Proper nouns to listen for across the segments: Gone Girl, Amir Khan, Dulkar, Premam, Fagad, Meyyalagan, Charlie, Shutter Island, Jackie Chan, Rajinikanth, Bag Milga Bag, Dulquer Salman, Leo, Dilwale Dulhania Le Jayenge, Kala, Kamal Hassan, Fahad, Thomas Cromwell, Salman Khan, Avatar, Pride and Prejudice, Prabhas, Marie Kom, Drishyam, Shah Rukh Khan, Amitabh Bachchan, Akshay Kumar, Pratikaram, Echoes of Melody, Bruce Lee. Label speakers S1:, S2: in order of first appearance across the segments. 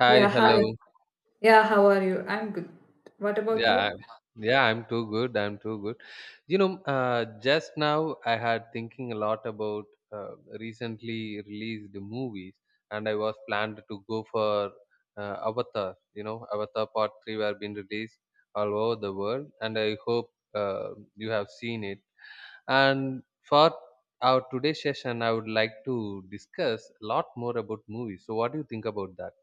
S1: Hi,
S2: Yeah,
S1: hello.
S2: hi. Yeah, how are you? I'm good. What about
S1: Yeah,
S2: you?
S1: I'm- yeah, I'm too good. I'm too good. Just now I had thinking a lot about uh, recently released movies, and I was planned to go for Avatar. You know, Avatar Part Three were being released all over the world, and I hope you have seen it. And for our today's session, I would like to discuss a lot more about movies. So, what do you think about that?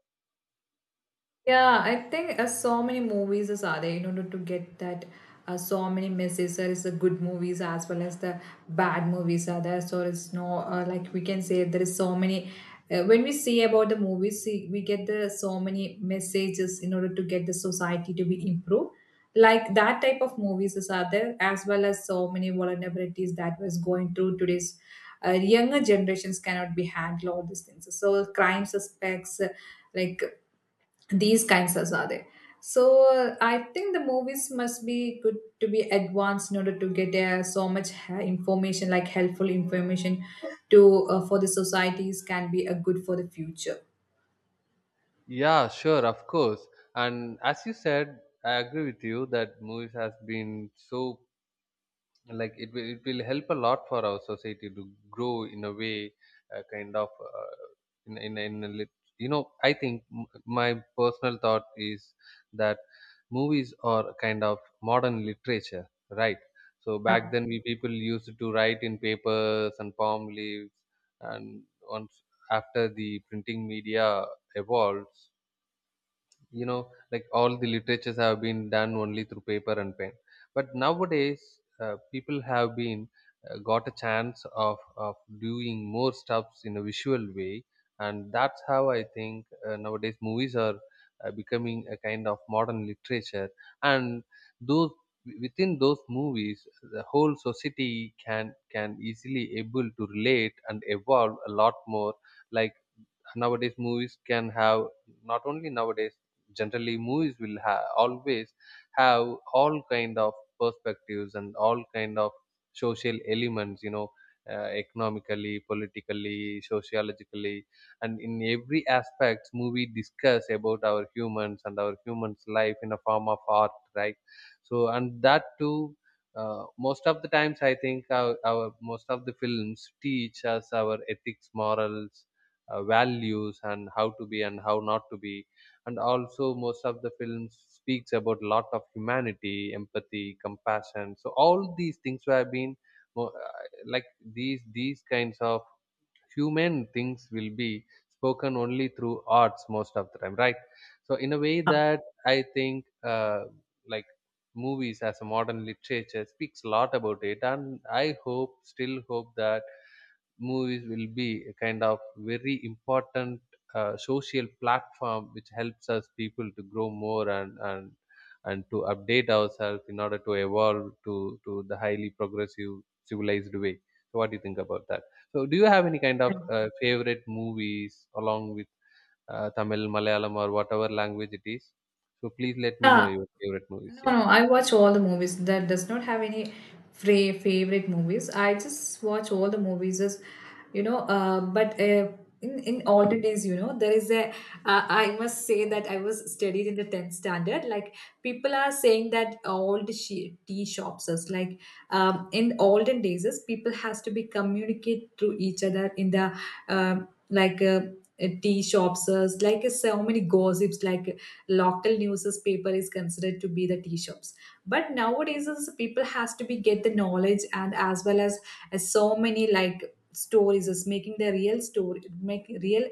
S2: Yeah, I think so many movies is are there in order to get that so many messages. There is the good movies as well as the bad movies are there. So it's no like we can say there is so many. When we see about the movies, see, we get the so many messages in order to get the society to be improved. Like that type of movies is are there as well as so many vulnerabilities that was going through today's younger generations cannot be handle all these things. So crime suspects. Like these kinds of are there. So I think the movies must be good to be advanced in order to get so much information, like helpful information, to for the societies can be a good for the future.
S1: Yeah, sure, of course. And as you said, I agree with you that movies has been so like it will help a lot for our society to grow in a way, kind of in in in a lit- I think my personal thought is that movies are kind of modern literature, right? So back
S2: Yeah.
S1: then we people used to write in papers and palm leaves, and once after the printing media evolves, you know, like all the literatures have been done only through paper and pen, but nowadays people have been got a chance of doing more stuffs in a visual way, and that's how I think nowadays movies are becoming a kind of modern literature, and those within those movies the whole society can easily able to relate and evolve a lot more. Like nowadays movies can have, not only nowadays, generally movies will always have all kind of perspectives and all kind of social elements, you know, economically, politically, sociologically, and in every aspect movie discuss about our humans and our humans life in a form of art, right? So and that too, most of the times I think our most of the films teach us our ethics, morals, values, and how to be and how not to be. And also most of the films speaks about lot of humanity, empathy, compassion, so all these things have been like these kinds of human things will be spoken only through arts most of the time, right? So in a way that I think, like, movies as a modern literature speaks a lot about it, and I hope, still hope, that movies will be a kind of very important social platform which helps us people to grow more, and to update ourselves in order to evolve to the highly progressive civilized way. So what do you think about that? So do you have any kind of favorite movies along with Tamil, Malayalam, or whatever language it is? So please let me know
S2: Yeah.
S1: your favorite movies.
S2: No,
S1: Yeah.
S2: no, I watch all the movies. That does not have any favorite movies. I just watch all the movies as you know. But in older days, you know, there is a. I must say that I was studied in the tenth standard. Like people are saying that old tea shops is like in olden days, is people has to be communicate to each other in the um like. Uh, tea shops is like so many gossips like local newspaper is considered to be the tea shops, but nowadays is people has to be get the knowledge and as well as so many like stories is making the real story make real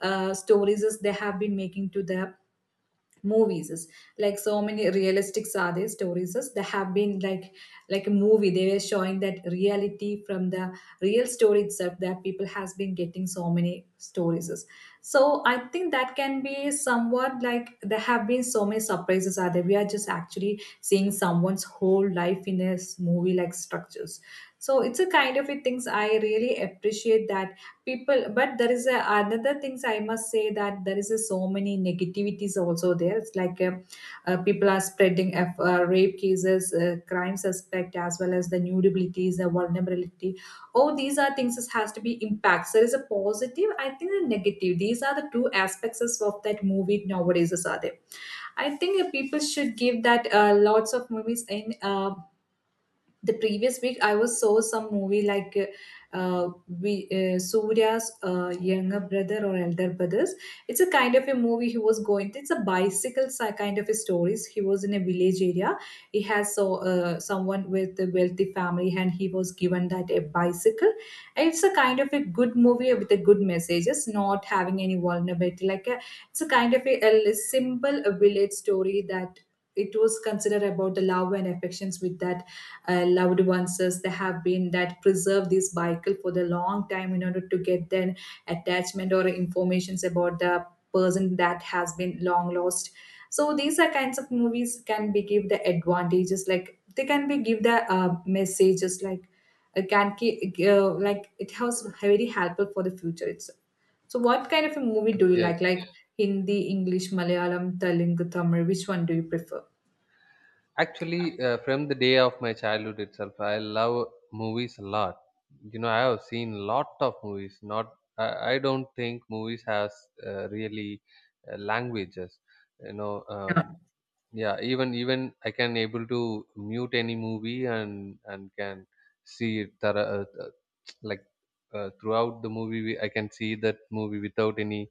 S2: stories is they have been making to the movies is like so many realistic sade stories is they have been like a movie they were showing that reality from the real story itself that people has been getting so many stories is. So I think that can be somewhat like there have been so many surprises are there, we are just actually seeing someone's whole life in a movie like structures. So it's a kind of a things I really appreciate that people, but there is another things I must say that there is a, so many negativities also there. It's like people are spreading F, rape cases, crime suspect as well as the nudabilities, the vulnerability. All these are things that has to be impacts. There is a positive, I think the negative, these are the two aspects of that movie nowadays are there. I think people should give that lots of movies in the previous week I was saw some movie like uh, we Surya's younger brother or elder brothers. It's a kind of a movie he was going, it's a bicycle kind of a stories, he was in a village area. He has so someone with a wealthy family and he was given that a bicycle. And it's a kind of a good movie with a good messages, not having any vulnerability like a, it's a kind of a simple village story that it was considered about the love and affections with that loved ones as they have been that preserve this vehicle for the long time in order to get their attachment or informations about the person that has been long lost. So these are kinds of movies can be give the advantages, like they can be give the messages like like it has very helpful for the future itself. So what kind of a movie do you
S1: Yes.
S2: like Hindi, English, Malayalam, Telugu, Tamil, which one do you prefer?
S1: Actually, from the day of my childhood itself, I love movies a lot. You know, I have seen lot of movies. Not, I don't think movies has really languages. You know, yeah. Even I can able to mute any movie and can see it thorough, like throughout the movie I can see that movie without any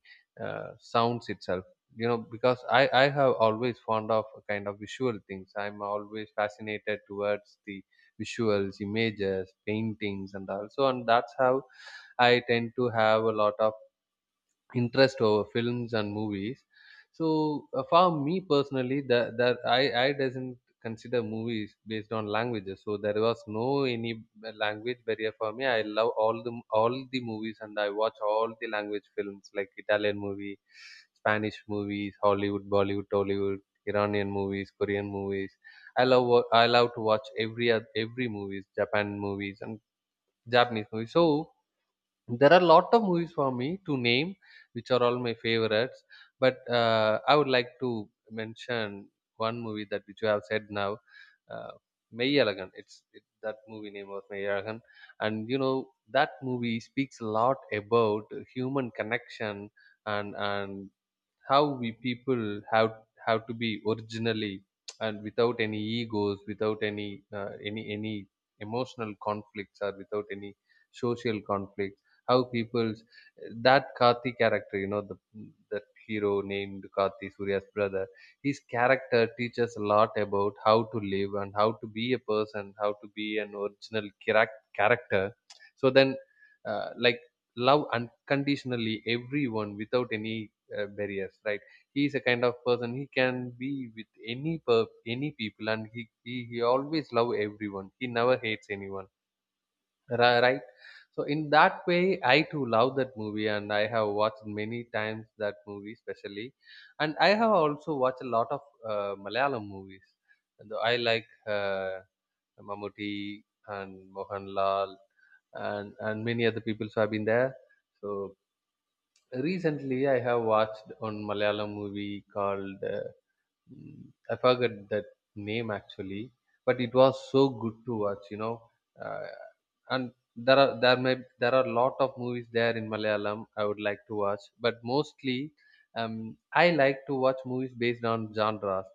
S1: sounds itself, you know, because I have always fond of a kind of visual things. I'm always fascinated towards the visuals, images, paintings, and also, and that's how I tend to have a lot of interest over films and movies. So for me personally, that I doesn't consider movies based on languages. So there was no any language barrier for me. I love all the movies, and I watch all the language films like Italian movie, Spanish movies, Hollywood, Bollywood, Tollywood, Iranian movies, Korean movies. I love to watch every movies, Japan movies and Japanese movies. So there are a lot of movies for me to name, which are all my favorites. But I would like to mention one movie that which you have said now, uh, Meyyalagan. That movie name was Meyyalagan, and you know that movie speaks a lot about human connection, and how we people have have to be originally and without any egos, without any any emotional conflicts or without any social conflicts, how people's, that Karthi character, you know, the that hero named Karthi, Surya's brother, his character teaches a lot about how to live and how to be a person, how to be an original character. So then, like, love unconditionally everyone without any barriers, right? He is a kind of person, he can be with any people, and he always love everyone, he never hates anyone. Right? So in that way I too love that movie, and I have watched many times that movie especially. And I have also watched a lot of Malayalam movies, and I like uh, Mamuti and Mohanlal and many other people so have been there. So recently, I have watched one Malayalam movie called Mm, I forgot that name actually, but it was so good to watch, you know. Uh, and there are a lot of movies there in Malayalam I would like to watch, but mostly I like to watch movies based on genres.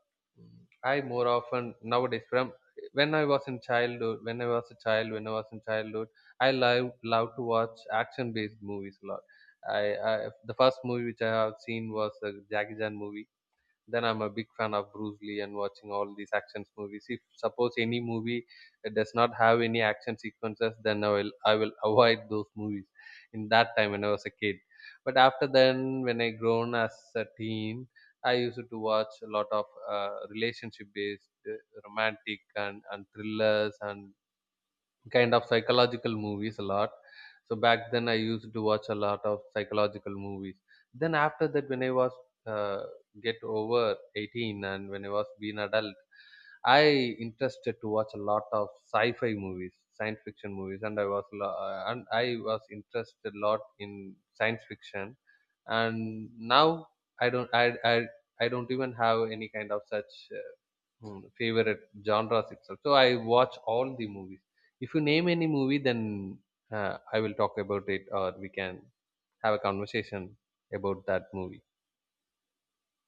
S1: I more often nowadays, from when I was in childhood, when I was a child, when I was in childhood, I love to watch action based movies a lot. I, I the first movie which I have seen was a Jackie Chan movie, then I'm a big fan of Bruce Lee and watching all these action movies. If suppose any movie does not have any action sequences, then I will avoid those movies. In that time when I was a kid, but after then when I grown as a teen, I used to watch a lot of relationship based, romantic, and thrillers and kind of psychological movies a lot. So back then, I used to watch a lot of psychological movies. Then after that, when I was uh, get over 18 and when I was being adult, I interested to watch a lot of sci-fi movies, science fiction movies, and and I was interested a lot in science fiction. And now I don't I I I don't even have any kind of such favorite genres itself. So I watch all the movies. If you name any movie, then I will talk about it, or we can have a conversation about that movie.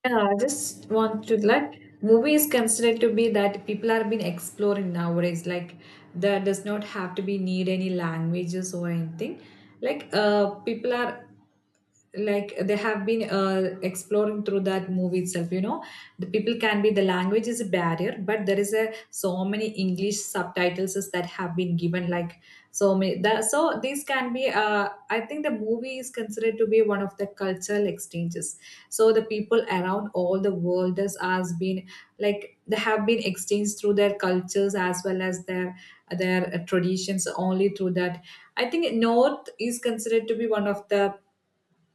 S2: Yeah, I just want to like movie is considered to be that people are being exploring nowadays. Like there does not have to be need any languages or anything. Like people are like they have been exploring through that movie itself, you know. The people can be the language is a barrier, but there is a so many English subtitles is that have been given, like so many that, so these can be I think the movie is considered to be one of the cultural exchanges. So the people around all the world has been like they have been exchanged through their cultures as well as their traditions only through that. I think north is considered to be one of the,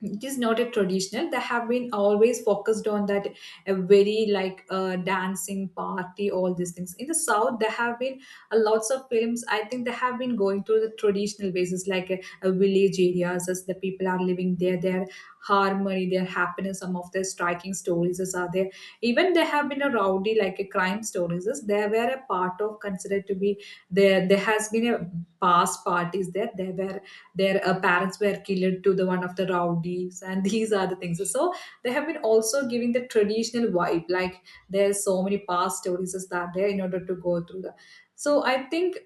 S2: it is not a traditional, they have been always focused on that a very like dancing party, all these things. In the south there have been lots of films, I think they have been going through the traditional basis like a village areas as the people are living there, their harmony, their happiness, some of the striking stories is are there. Even there have been a rowdy like a crime stories is there were a part of considered to be there has been a past parties there were their parents were killed to the one of the rowdies and these are the things. So they have been also giving the traditional vibe like there's so many past stories is that there in order to go through the. So I think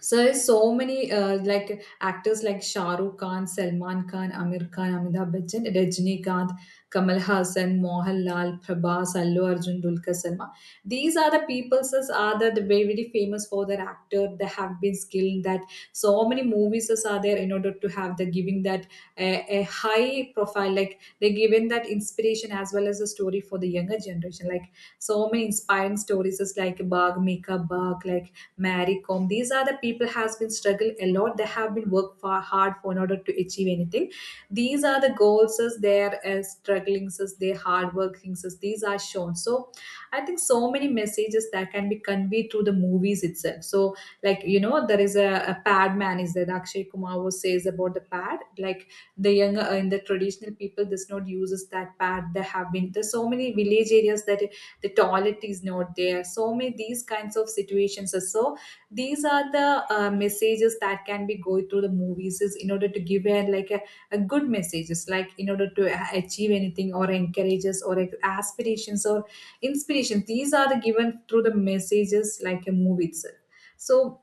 S2: so so many like actors like Shah Rukh Khan, Salman Khan, Amir Khan, Amitabh Bachchan, Rajinikanth, Kamal Hassan, Mohanlal, Prabhas, Allu Arjun, Dulquer Salman. These are the people as are the very very famous for their actor. They have been skilled that so many movies as are there in order to have the giving that a high profile. Like they given that inspiration as well as a story for the younger generation. Like so many inspiring stories is like Bag Mika Bag, like Marie Kom. These are the people has been struggled a lot. They have been worked far hard for in order to achieve anything. These are the goals as their struggling as their hard working as these are shown. So I think so many messages that can be conveyed through the movies itself. So like you know there is a pad man is there. Akshay Kumar was says about the pad like the younger in the traditional people does not uses that pad. There have been there's so many village areas that the toilet is not there, so many these kinds of situations. So these are the messages that can be going through the movies is in order to give a like a good messages like in order to achieve anything or encourages or aspirations or inspiration, these are the given through the messages like a movie itself. So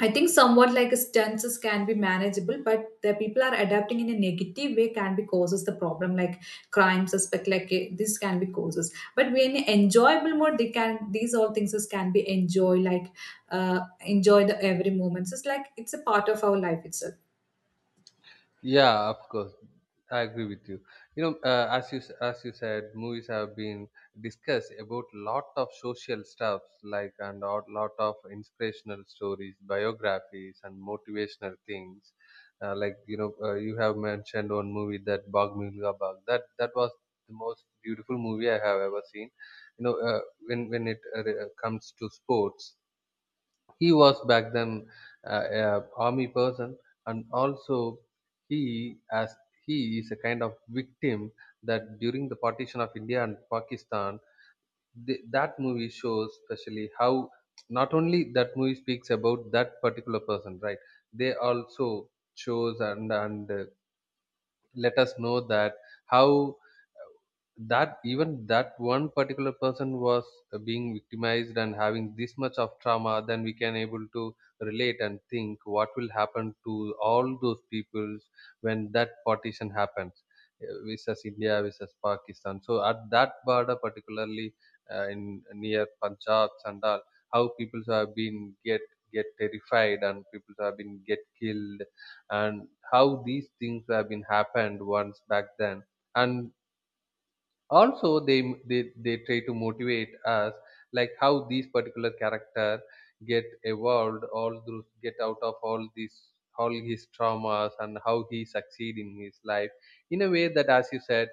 S2: I think somewhat like stances can be manageable, but the people are adapting in a negative way can be causes the problem, like crime, suspect, like eh, this can be causes. But when enjoyable mode, they can these all things is can be enjoy, like enjoy the every moments. It's like it's a part of our life itself.
S1: Yeah, of course. I agree with you. You know, as you said, movies have been discussed about lot of social stuffs, like, and a lot of inspirational stories, biographies, and motivational things. Like, you know, you have mentioned one movie, that Bag Milga Bag. That was the most beautiful movie I have ever seen. You know, when it comes to sports, he was back then a army person, and also he as he is a kind of victim, that during the partition of India and Pakistan, th that movie shows, especially how, not only that movie speaks about that particular person, right? They also shows, and let us know that how, that even that one particular person was being victimized and having this much of trauma, then we can able to relate and think what will happen to all those peoples when that partition happens, versus India versus Pakistan. So at that border particularly, in near Punjab and all, how people have been get get terrified and people have been get killed, and how these things have been happened once back then. And also they try to motivate us, like, how these particular character get evolved, all through, get out of all these, all his traumas, and how he succeed in his life. In a way that, as you said,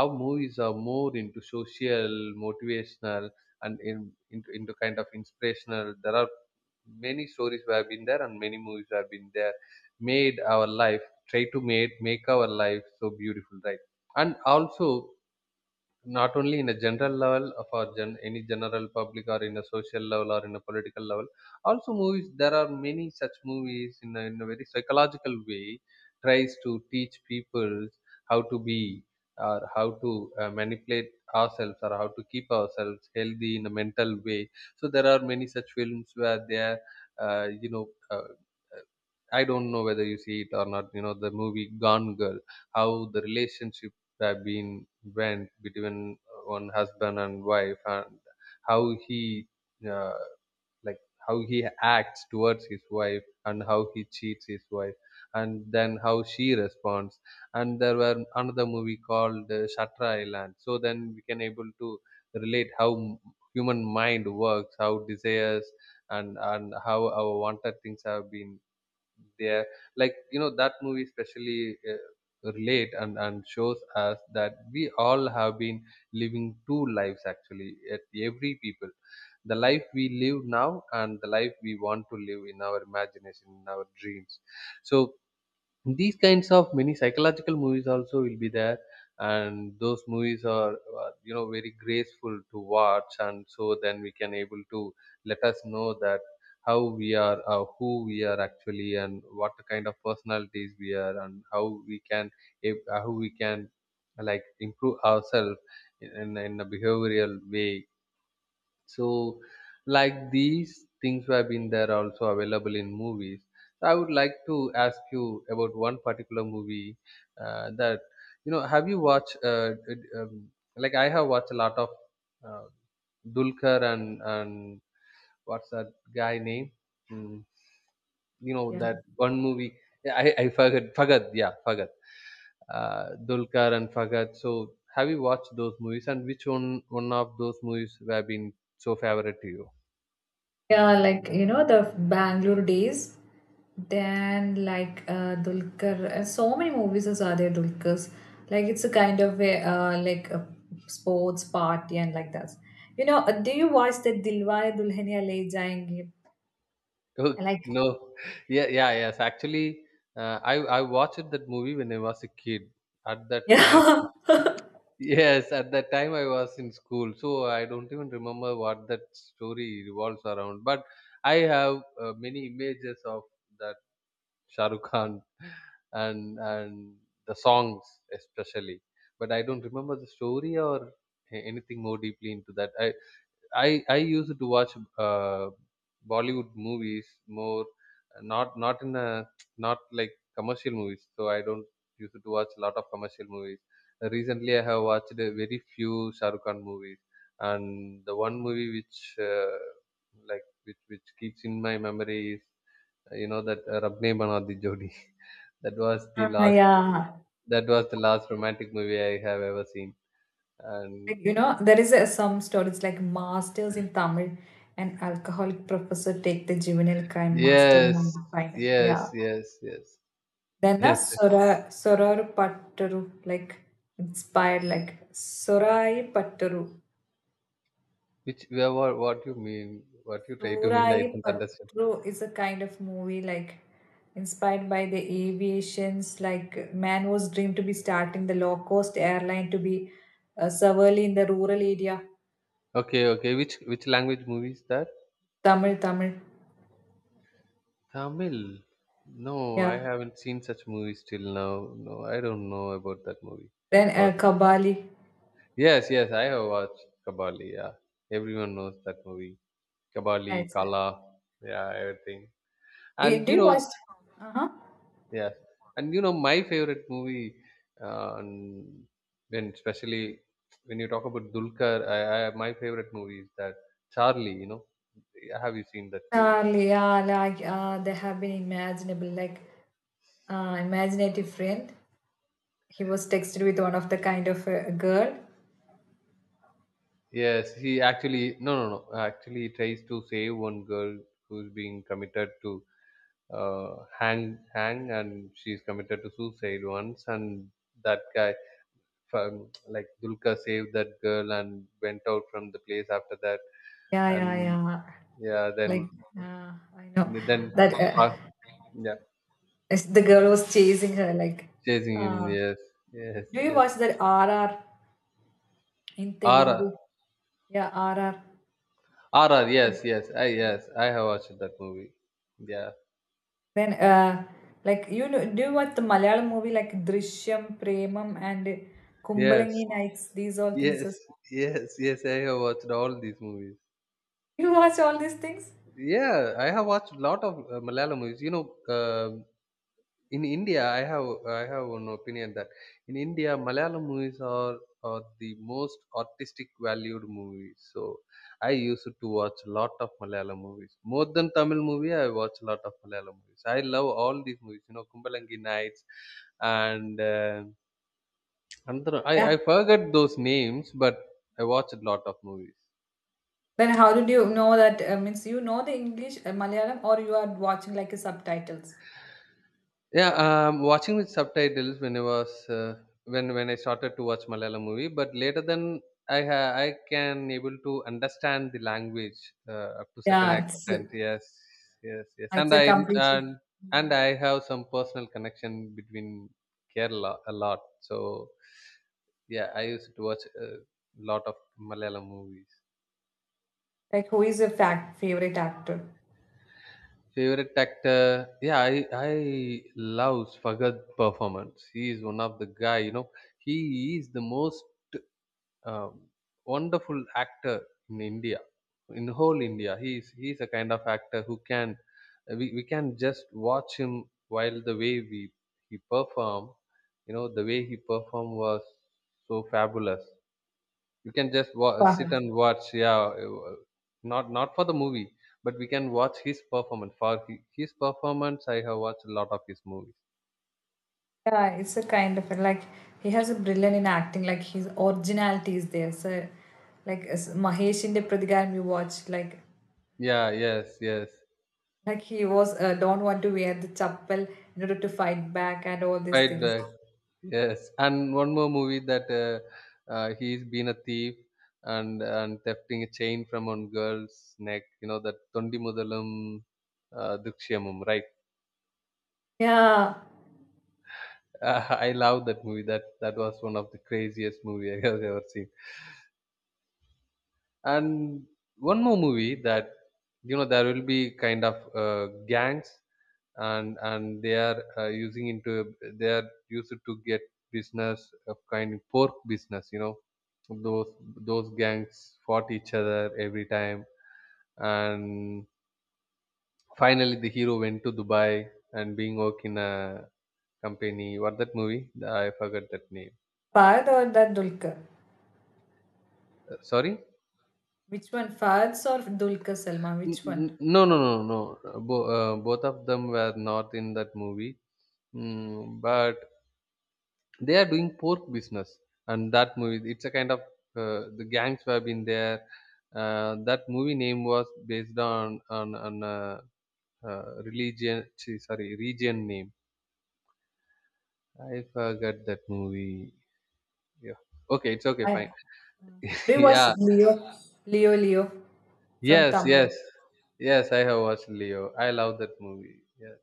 S1: our movies are more into social, motivational, and into kind of inspirational. There are many stories we have been there, and many movies have been there, made our life, try to make our life so beautiful, right? And also not only in a general level of our any general public, or in a social level, or in a political level. Also movies, there are many such movies in a very psychological way tries to teach people how to be, or how to manipulate ourselves, or how to keep ourselves healthy in a mental way. So there are many such films where they are, uh, you know, uh, I don't know whether you see it or not. You know the movie Gone Girl, how the relationship have been went between one husband and wife, and how he uh, like, how he acts towards his wife and how he cheats his wife, and then how she responds. And there were another movie called Shutter Island. So then we can able to relate how human mind works, how desires and how our wanted things have been there, like you know that movie especially, relate and shows us that we all have been living two lives actually at every people. The life we live now and the life we want to live in our imagination, in our dreams, so these kinds of many psychological movies also will be there, and those movies are, you know, very graceful to watch, and so then we can able to let us know that how we are, who we are actually and what kind of personalities we are and how we can, how we can, like, improve ourselves in, in a behavioral way. So, like, these things have been there, also available in movies. So I would like to ask you about one particular movie, that you know. Have you watched? Like I have watched a lot of, uh, Dulkar and what's that guy name? Mm, you know
S2: Yeah.
S1: that one movie. Yeah, I forgot. Forgot. Yeah, forgot. Dulkar and Fagad. So have you watched those movies? And which one of those movies have been so favorite to you?
S2: Yeah, like you know the Bangalore days, then like Dulquer, so many movies are there Dulquer's. Like it's a kind of a like a sports party and like that. You know, do you watch the Dilwale Dulhania Le Jayenge?
S1: Oh
S2: Like
S1: no, yeah, yeah, yes. Actually, I watched that movie when I was a kid. At that time,
S2: yeah,
S1: yes, at that time I was in school, so I don't even remember what that story revolves around. But I have, many images of that Shah Rukh Khan and the songs especially. But I don't remember the story or anything more deeply into that. I used to watch, Bollywood movies more, not in a, not like commercial movies. So I don't used to watch a lot of commercial movies. Recently, I have watched a very few Shah Rukh Khan movies, and the one movie which, like which keeps in my memory is, you know that, Rabne Banadi Jodi. That was the
S2: ah,
S1: last,
S2: yeah.
S1: that was the last romantic movie I have ever seen, and
S2: Like, you know, there is a, some stories like masters in Tamil, an alcoholic professor take the juvenile crime mastermind
S1: yes,
S2: final. Yeah.
S1: yes, yes, yes.
S2: Then a
S1: Yes,
S2: Sora Sorar Pattaru, like inspired, like Sorai Pattaru.
S1: which where? What you mean? What you try to mean? I
S2: Sorai
S1: don't understand.
S2: Pattaru is a kind of movie like inspired by the aviations, like man was dreamed to be starting the low cost airline to be severely in the rural area.
S1: Okay, okay. Which language movie is that?
S2: Tamil, Tamil,
S1: Tamil. No, I
S2: yeah.
S1: haven't seen such movies till now. No, I don't know about that movie.
S2: Then
S1: Sorry.
S2: Kabali.
S1: Yes, yes, I have watched Kabali. Yeah, everyone knows that movie. Kabali,
S2: Yes. It.
S1: Kala, yeah, everything.
S2: Eh,
S1: And
S2: do
S1: you
S2: you
S1: know,
S2: watch? Uh huh.
S1: yes, and you know, my favorite movie, and when especially when you talk about Dulkar, I, my favorite movie is that Charlie. You know, have you seen that movie?
S2: Yeah, like they have been imaginable, like imaginative friend. He was texted with one of the kind of girl.
S1: Yes, he actually, no no no. Actually, tries to save one girl who's being committed to, hang, and she's committed to suicide once. And that guy, like Dulka, saved that girl and went out from the place after that.
S2: Yeah, yeah,
S1: And
S2: yeah.
S1: yeah,
S2: Like
S1: then
S2: I know
S1: then
S2: that
S1: uh, yeah,
S2: it's- the girl was chasing her. Like,
S1: chasing him.
S2: uh,
S1: Yes, yes,
S2: do you
S1: yes.
S2: watch that R R in
S1: R
S2: Telugu? Yeah, R R.
S1: R R. Yes, yes. I yes. I have watched that movie. Yeah.
S2: Then like you know, do you watch the Malayalam movie like Drishyam, Premam, and
S1: Yes.
S2: Kumbalangi Nights? These all things.
S1: Yes,
S2: Is.
S1: yes, yes. I have watched all these movies.
S2: You watch all these things?
S1: Yeah, I have watched a lot of, Malayalam movies. You know, in India, I have one opinion that in India, Malayalam movies are the most artistic valued movies. So I used to watch a lot of Malayalam movies. More than Tamil movie, I watch a lot of Malayalam movies. I love all these movies. You know, Kumbalangi Nights and, another, I
S2: Yeah.
S1: I forget those names, but I watched a lot of movies.
S2: Then how did you know that? Means you know the English, Malayalam, or you are watching like a subtitles?
S1: Yeah, watching with subtitles when I was, when I started to watch Malayalam movie, but later then I can able to understand the language, up to certain
S2: Yeah, it's
S1: extent. Yes, yes, yes,
S2: a complete
S1: and I have some personal connection between Kerala a lot. So yeah, I used to watch a lot of Malayalam movies.
S2: like who is a fact favorite actor?
S1: Favorite actor? Yeah, I love Fagad performance. He is one of the guy. You know, he is the most, um, wonderful actor in India, in whole India. He is, he is a kind of actor who can, we can just watch him while the way we, he perform. You know, the way he performed was so fabulous. You can just
S2: Fahad.
S1: sit and watch, yeah, not for the movie but we can watch his performance for his performance. I have watched a lot of his movies.
S2: Yeah, it's a kind of like he has a brilliant in acting. Like his originality is there. So like as Mahesh in the Pratikaram you watch
S1: Yeah, yes, yes,
S2: like he was don't want to wear the chappal in order to fight back and all these
S1: fight
S2: things.
S1: back, yes. And one more movie that, he's been a thief and thefting a chain from one girl's neck, you know that Tondi Mudalam, Dukshyamum, right?
S2: Yeah,
S1: I love that movie. That was one of the craziest movie I have ever seen. And one more movie that, you know, there will be kind of, gangs and they are, using into, they are used to get business of kind of pork business. You know, those those gangs fought each other every time, and finally the hero went to Dubai and being work in a company. What that movie? I forgot that name.
S2: Parth or that Dulkar.
S1: Sorry.
S2: Which one, Fahad or Dulquer Salma? Which one?
S1: No, no, no, no. Both of them were not in that movie, but they are doing pork business, and that movie. It's a kind of, the gangs who have been there. That movie name was based on on, religion. Sorry, region name. I forgot that movie. Yeah. Okay, it's okay.
S2: I
S1: Fine.
S2: do you watch
S1: Yeah.
S2: Leo, Leo from
S1: Yes.
S2: Tamil?
S1: Yes. Yes. I have watched Leo. I love that movie. Yeah.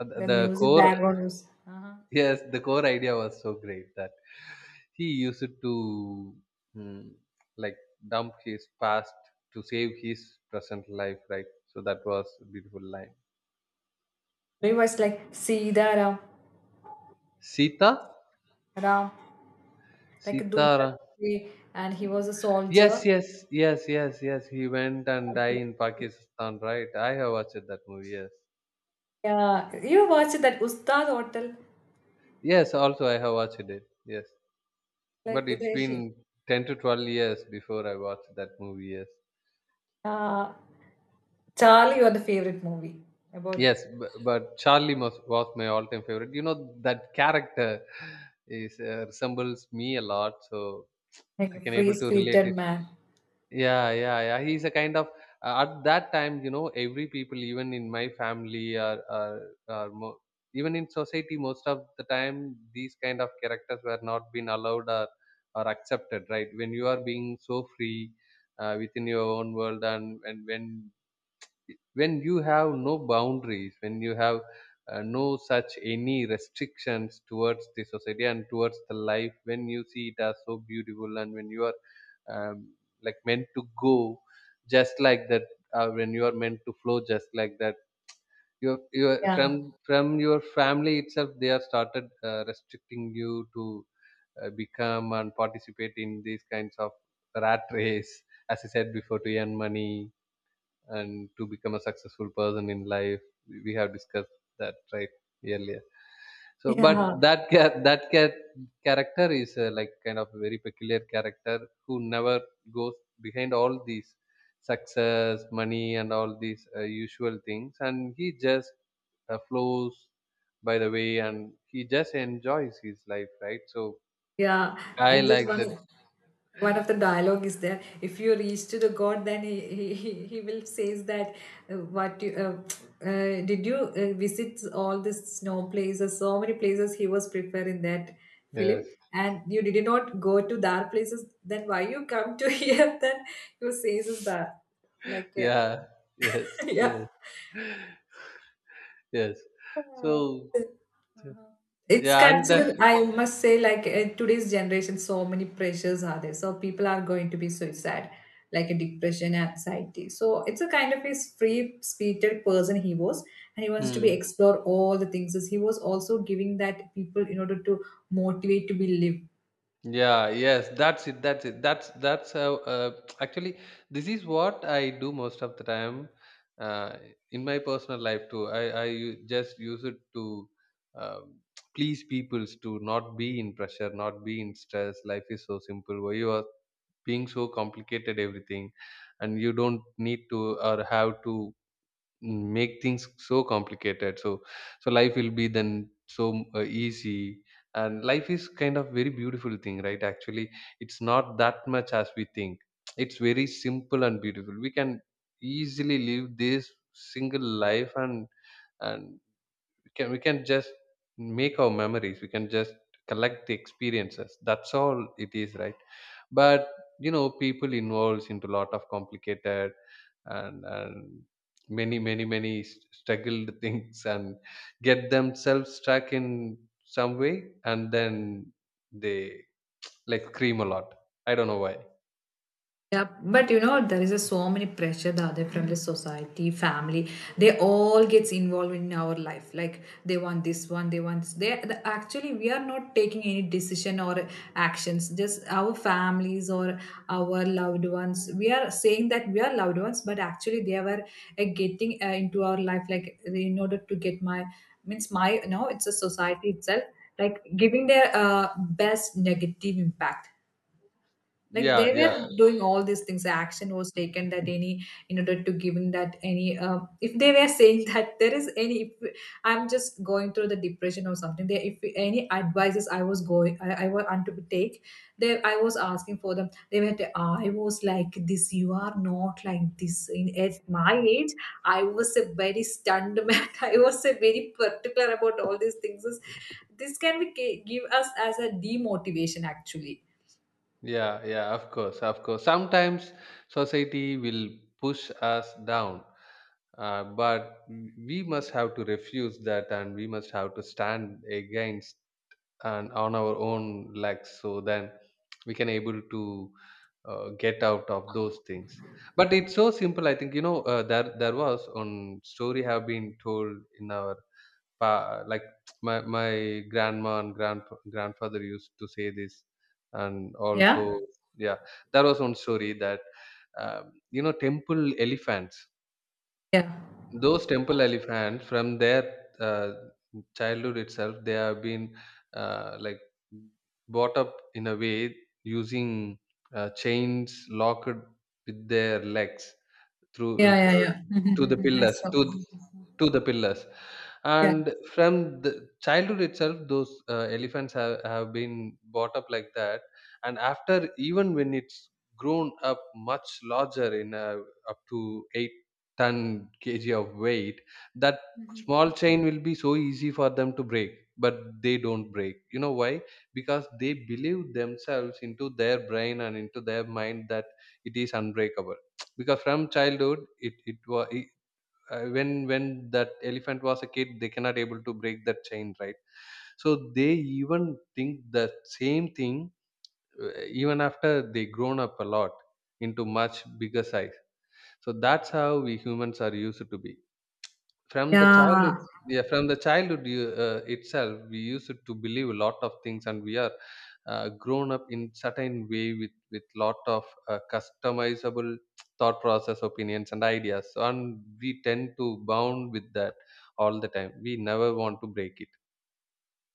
S1: At
S2: The
S1: the
S2: music
S1: core,
S2: background music. Uh-huh.
S1: yes, the core idea was so great that he used to, mm, like, dump his past to save his present life, right? So that was a beautiful line.
S2: Do you watch like Sida Ram,
S1: sita
S2: Ram, like Dulquer,
S1: sita
S2: Salmaan, and he was a
S1: yes,
S2: soldier.
S1: yes, yes, yes, yes, he went and
S2: And
S1: died in Pakistan, right? I have watched that movie. Yes,
S2: yeah, you watched that Ustad Hotel,
S1: yes, also I have watched it. Yes,
S2: like
S1: but it's
S2: the
S1: been 10 to 12 years before I watched that movie. Yes.
S2: uh, Charlie, your the favorite movie about,
S1: Yes, but Charlie was my all-time favorite. You know, that character is, resembles me a lot, so
S2: like
S1: I
S2: a
S1: can
S2: free
S1: able to relate
S2: spirited
S1: it.
S2: man.
S1: Yeah, yeah, yeah. He's a kind of, at that time, you know, every people, even in my family, or even in society, most of the time, these kind of characters were not been allowed or accepted. Right? When you are being so free, within your own world, and when you have no boundaries, when you have, no such any restrictions towards the society and towards the life, when you see it as so beautiful, and when you are, um, like, meant to go just like that, when you are meant to flow just like that, your
S2: Yeah,
S1: from your family itself, they are started, restricting you to, become and participate in these kinds of rat race, as I said before, to earn money and to become a successful person in life. We have discussed that, right, earlier. So but
S2: yeah.
S1: character is, like, kind of a very peculiar character who never goes behind all these success, money and all these, usual things, and he just, flows by the way, and he just enjoys his life, right? So
S2: Yeah,
S1: I
S2: in this
S1: like that.
S2: one, one of the dialogue is there. If you reach to the God, then he will says that what you did you visit all these snow places? So many places he was prepared in that film,
S1: Yes,
S2: and you did not go to that places. Then why you come to here? Then you says is that like yeah,
S1: yeah, yes,
S2: yeah.
S1: yes, yes, so
S2: Mm-hmm. It's
S1: yeah, and that,
S2: considered, I must say, like in today's generation, so many pressures are there. So people are going to be suicide, like a depression, anxiety. So it's a kind of a free spirited person he was, and he wants to be
S1: hmm.
S2: explore all the things. He was also giving that people in order to motivate to be live.
S1: Yeah, yes, that's it, that's it, that's how, actually, this is what I do most of the time, uh, in my personal life too. I just use it to, um, please peoples to not be in pressure, not be in stress. Life is so simple, why you are being so complicated everything, and you don't need to or have to, make things so complicated. So so life will be then so, easy, and life is kind of very beautiful thing, right? Actually, it's not that much as we think, it's very simple and beautiful. We can easily live this single life, and can, we can just make our memories, we can just collect the experiences, that's all it is, right? But you know, people involves into a lot of complicated and many many many struggled things and get themselves stuck in some way, and then they, like, scream a lot, I don't know why.
S2: Yeah, but you know, there is a so many pressure the other from the society, family. They all gets involved in our life. Like they want this one, they want this. They the, actually we are not taking any decision or actions. Just our families or our loved ones. We are saying that we are loved ones, but actually they were getting into our life. Like in order to get my means my no, it's a society itself. Like giving their best negative impact like
S1: Yeah,
S2: they were
S1: yeah,
S2: doing all these things, action was taken that any in order to giving that any if they were saying that there is any if I'm just going through the depression or something, they if any advices I was going I was want to take, they I was asking for them, they were I was like this, you are not like this in at my age, I was a very stunned man, I was a very particular about all these things. This can be give us as a demotivation actually.
S1: yeah, yeah, of course, of course. Sometimes society will push us down, but we must have to refuse that and we must have to stand against and on our own legs, so then we can able to, get out of those things. But it's so simple. I think, you know, there was one story have been told in our pa- like my grandma and grandfather used to say this, and
S2: yeah
S1: also yeah, there was one story that you know temple elephants.
S2: yeah
S1: Those temple elephants from their uh, childhood itself, they have been uh, like brought up in a way using chains locked with their legs through
S2: yeah, yeah, yeah.
S1: to the
S2: Mhm, mhm, I
S1: pillars
S2: saw.
S1: to the pillars
S2: Yeah.
S1: and from the childhood itself those elephants have been brought up like that, and after, even when it's grown up much larger in a, up to 8 ton kg of weight, that small chain will be so easy for them to break, but they don't break. You know why? Because they believe themselves, into their brain and into their mind, that it is unbreakable, because from childhood it was when that elephant was a kid, they cannot able to break that chain, right? So they even think the same thing, uh, even after they grown up a lot into much bigger size. So that's how we humans are used to be from the
S2: Yeah,
S1: childhood, yeah, from the childhood itself, we used to believe a lot of things, and we are grown up in certain way with lot of customizable thought process, opinions, and ideas. So, and we tend to bound with that all the time. We never want to break it.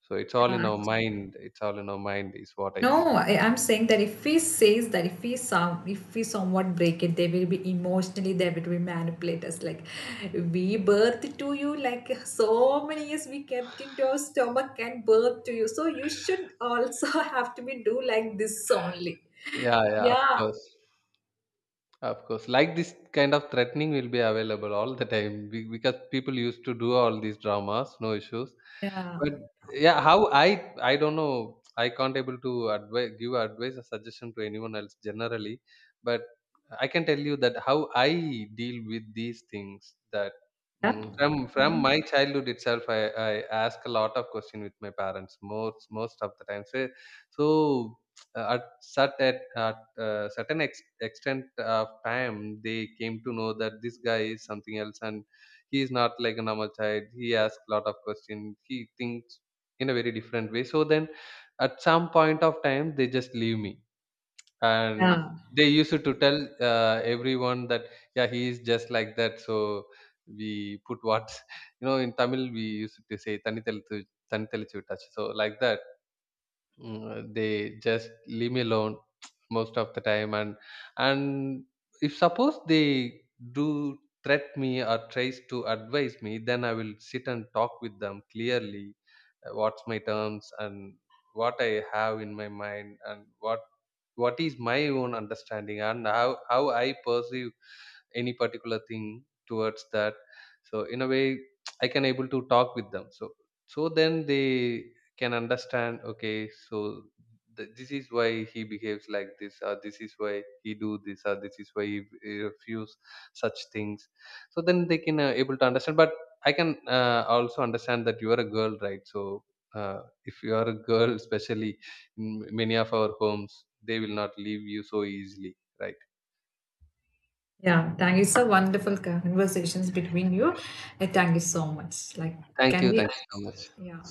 S1: So it's all in
S2: yeah.
S1: our
S2: Actually,
S1: mind. It's all in our mind, is what I
S2: no,
S1: think.
S2: I, I'm saying that if he says that if we some if we somewhat break it, they will be emotionally they will be manipulate us like, we birthed to you like so many years, we kept into our stomach and birth to you. So you should also have to be do like this only.
S1: Yeah, yeah, of
S2: Yeah.
S1: course. Of course, like this kind of threatening will be available all the time because people used to do all these dramas, no issues.
S2: Yeah.
S1: But yeah, how I don't know. I can't able to give advice or suggestion to anyone else generally, but I can tell you that how I deal with these things. That
S2: Yeah.
S1: from
S2: Mhm.
S1: my childhood itself, I ask a lot of question with my parents most of the time. So, so at at certain extent of time, they came to know that this guy is something else, and he is not like a normal child. He asks a lot of questions, he thinks in a very different way. So then at some point of time, they just leave me. And
S2: Yeah.
S1: they used to tell everyone that yeah, he is just like that. So we put what, you know, in Tamil we used to say tani telu tani telichu touch, so like that. Mm, they just leave me alone most of the time. And if suppose they do threat me or tries to advise me, then I will sit and talk with them clearly, what's my terms, and what I have in my mind, and what is my own understanding, and how I perceive any particular thing towards that. So in a way, I can able to talk with them. So so then they can understand, okay, so this is why he behaves like this, or this is why he do this, or this is why he refuse such things. So then they can able to understand. But I can also understand that you are a girl, right? So uh, if you are a girl especially, in many of our homes they will not leave you so easily, right?
S2: Yeah, thank you. So wonderful conversations between you. Thank you so much. Like,
S1: Thank
S2: can
S1: you,
S2: we?
S1: thank you so much.
S2: Yeah.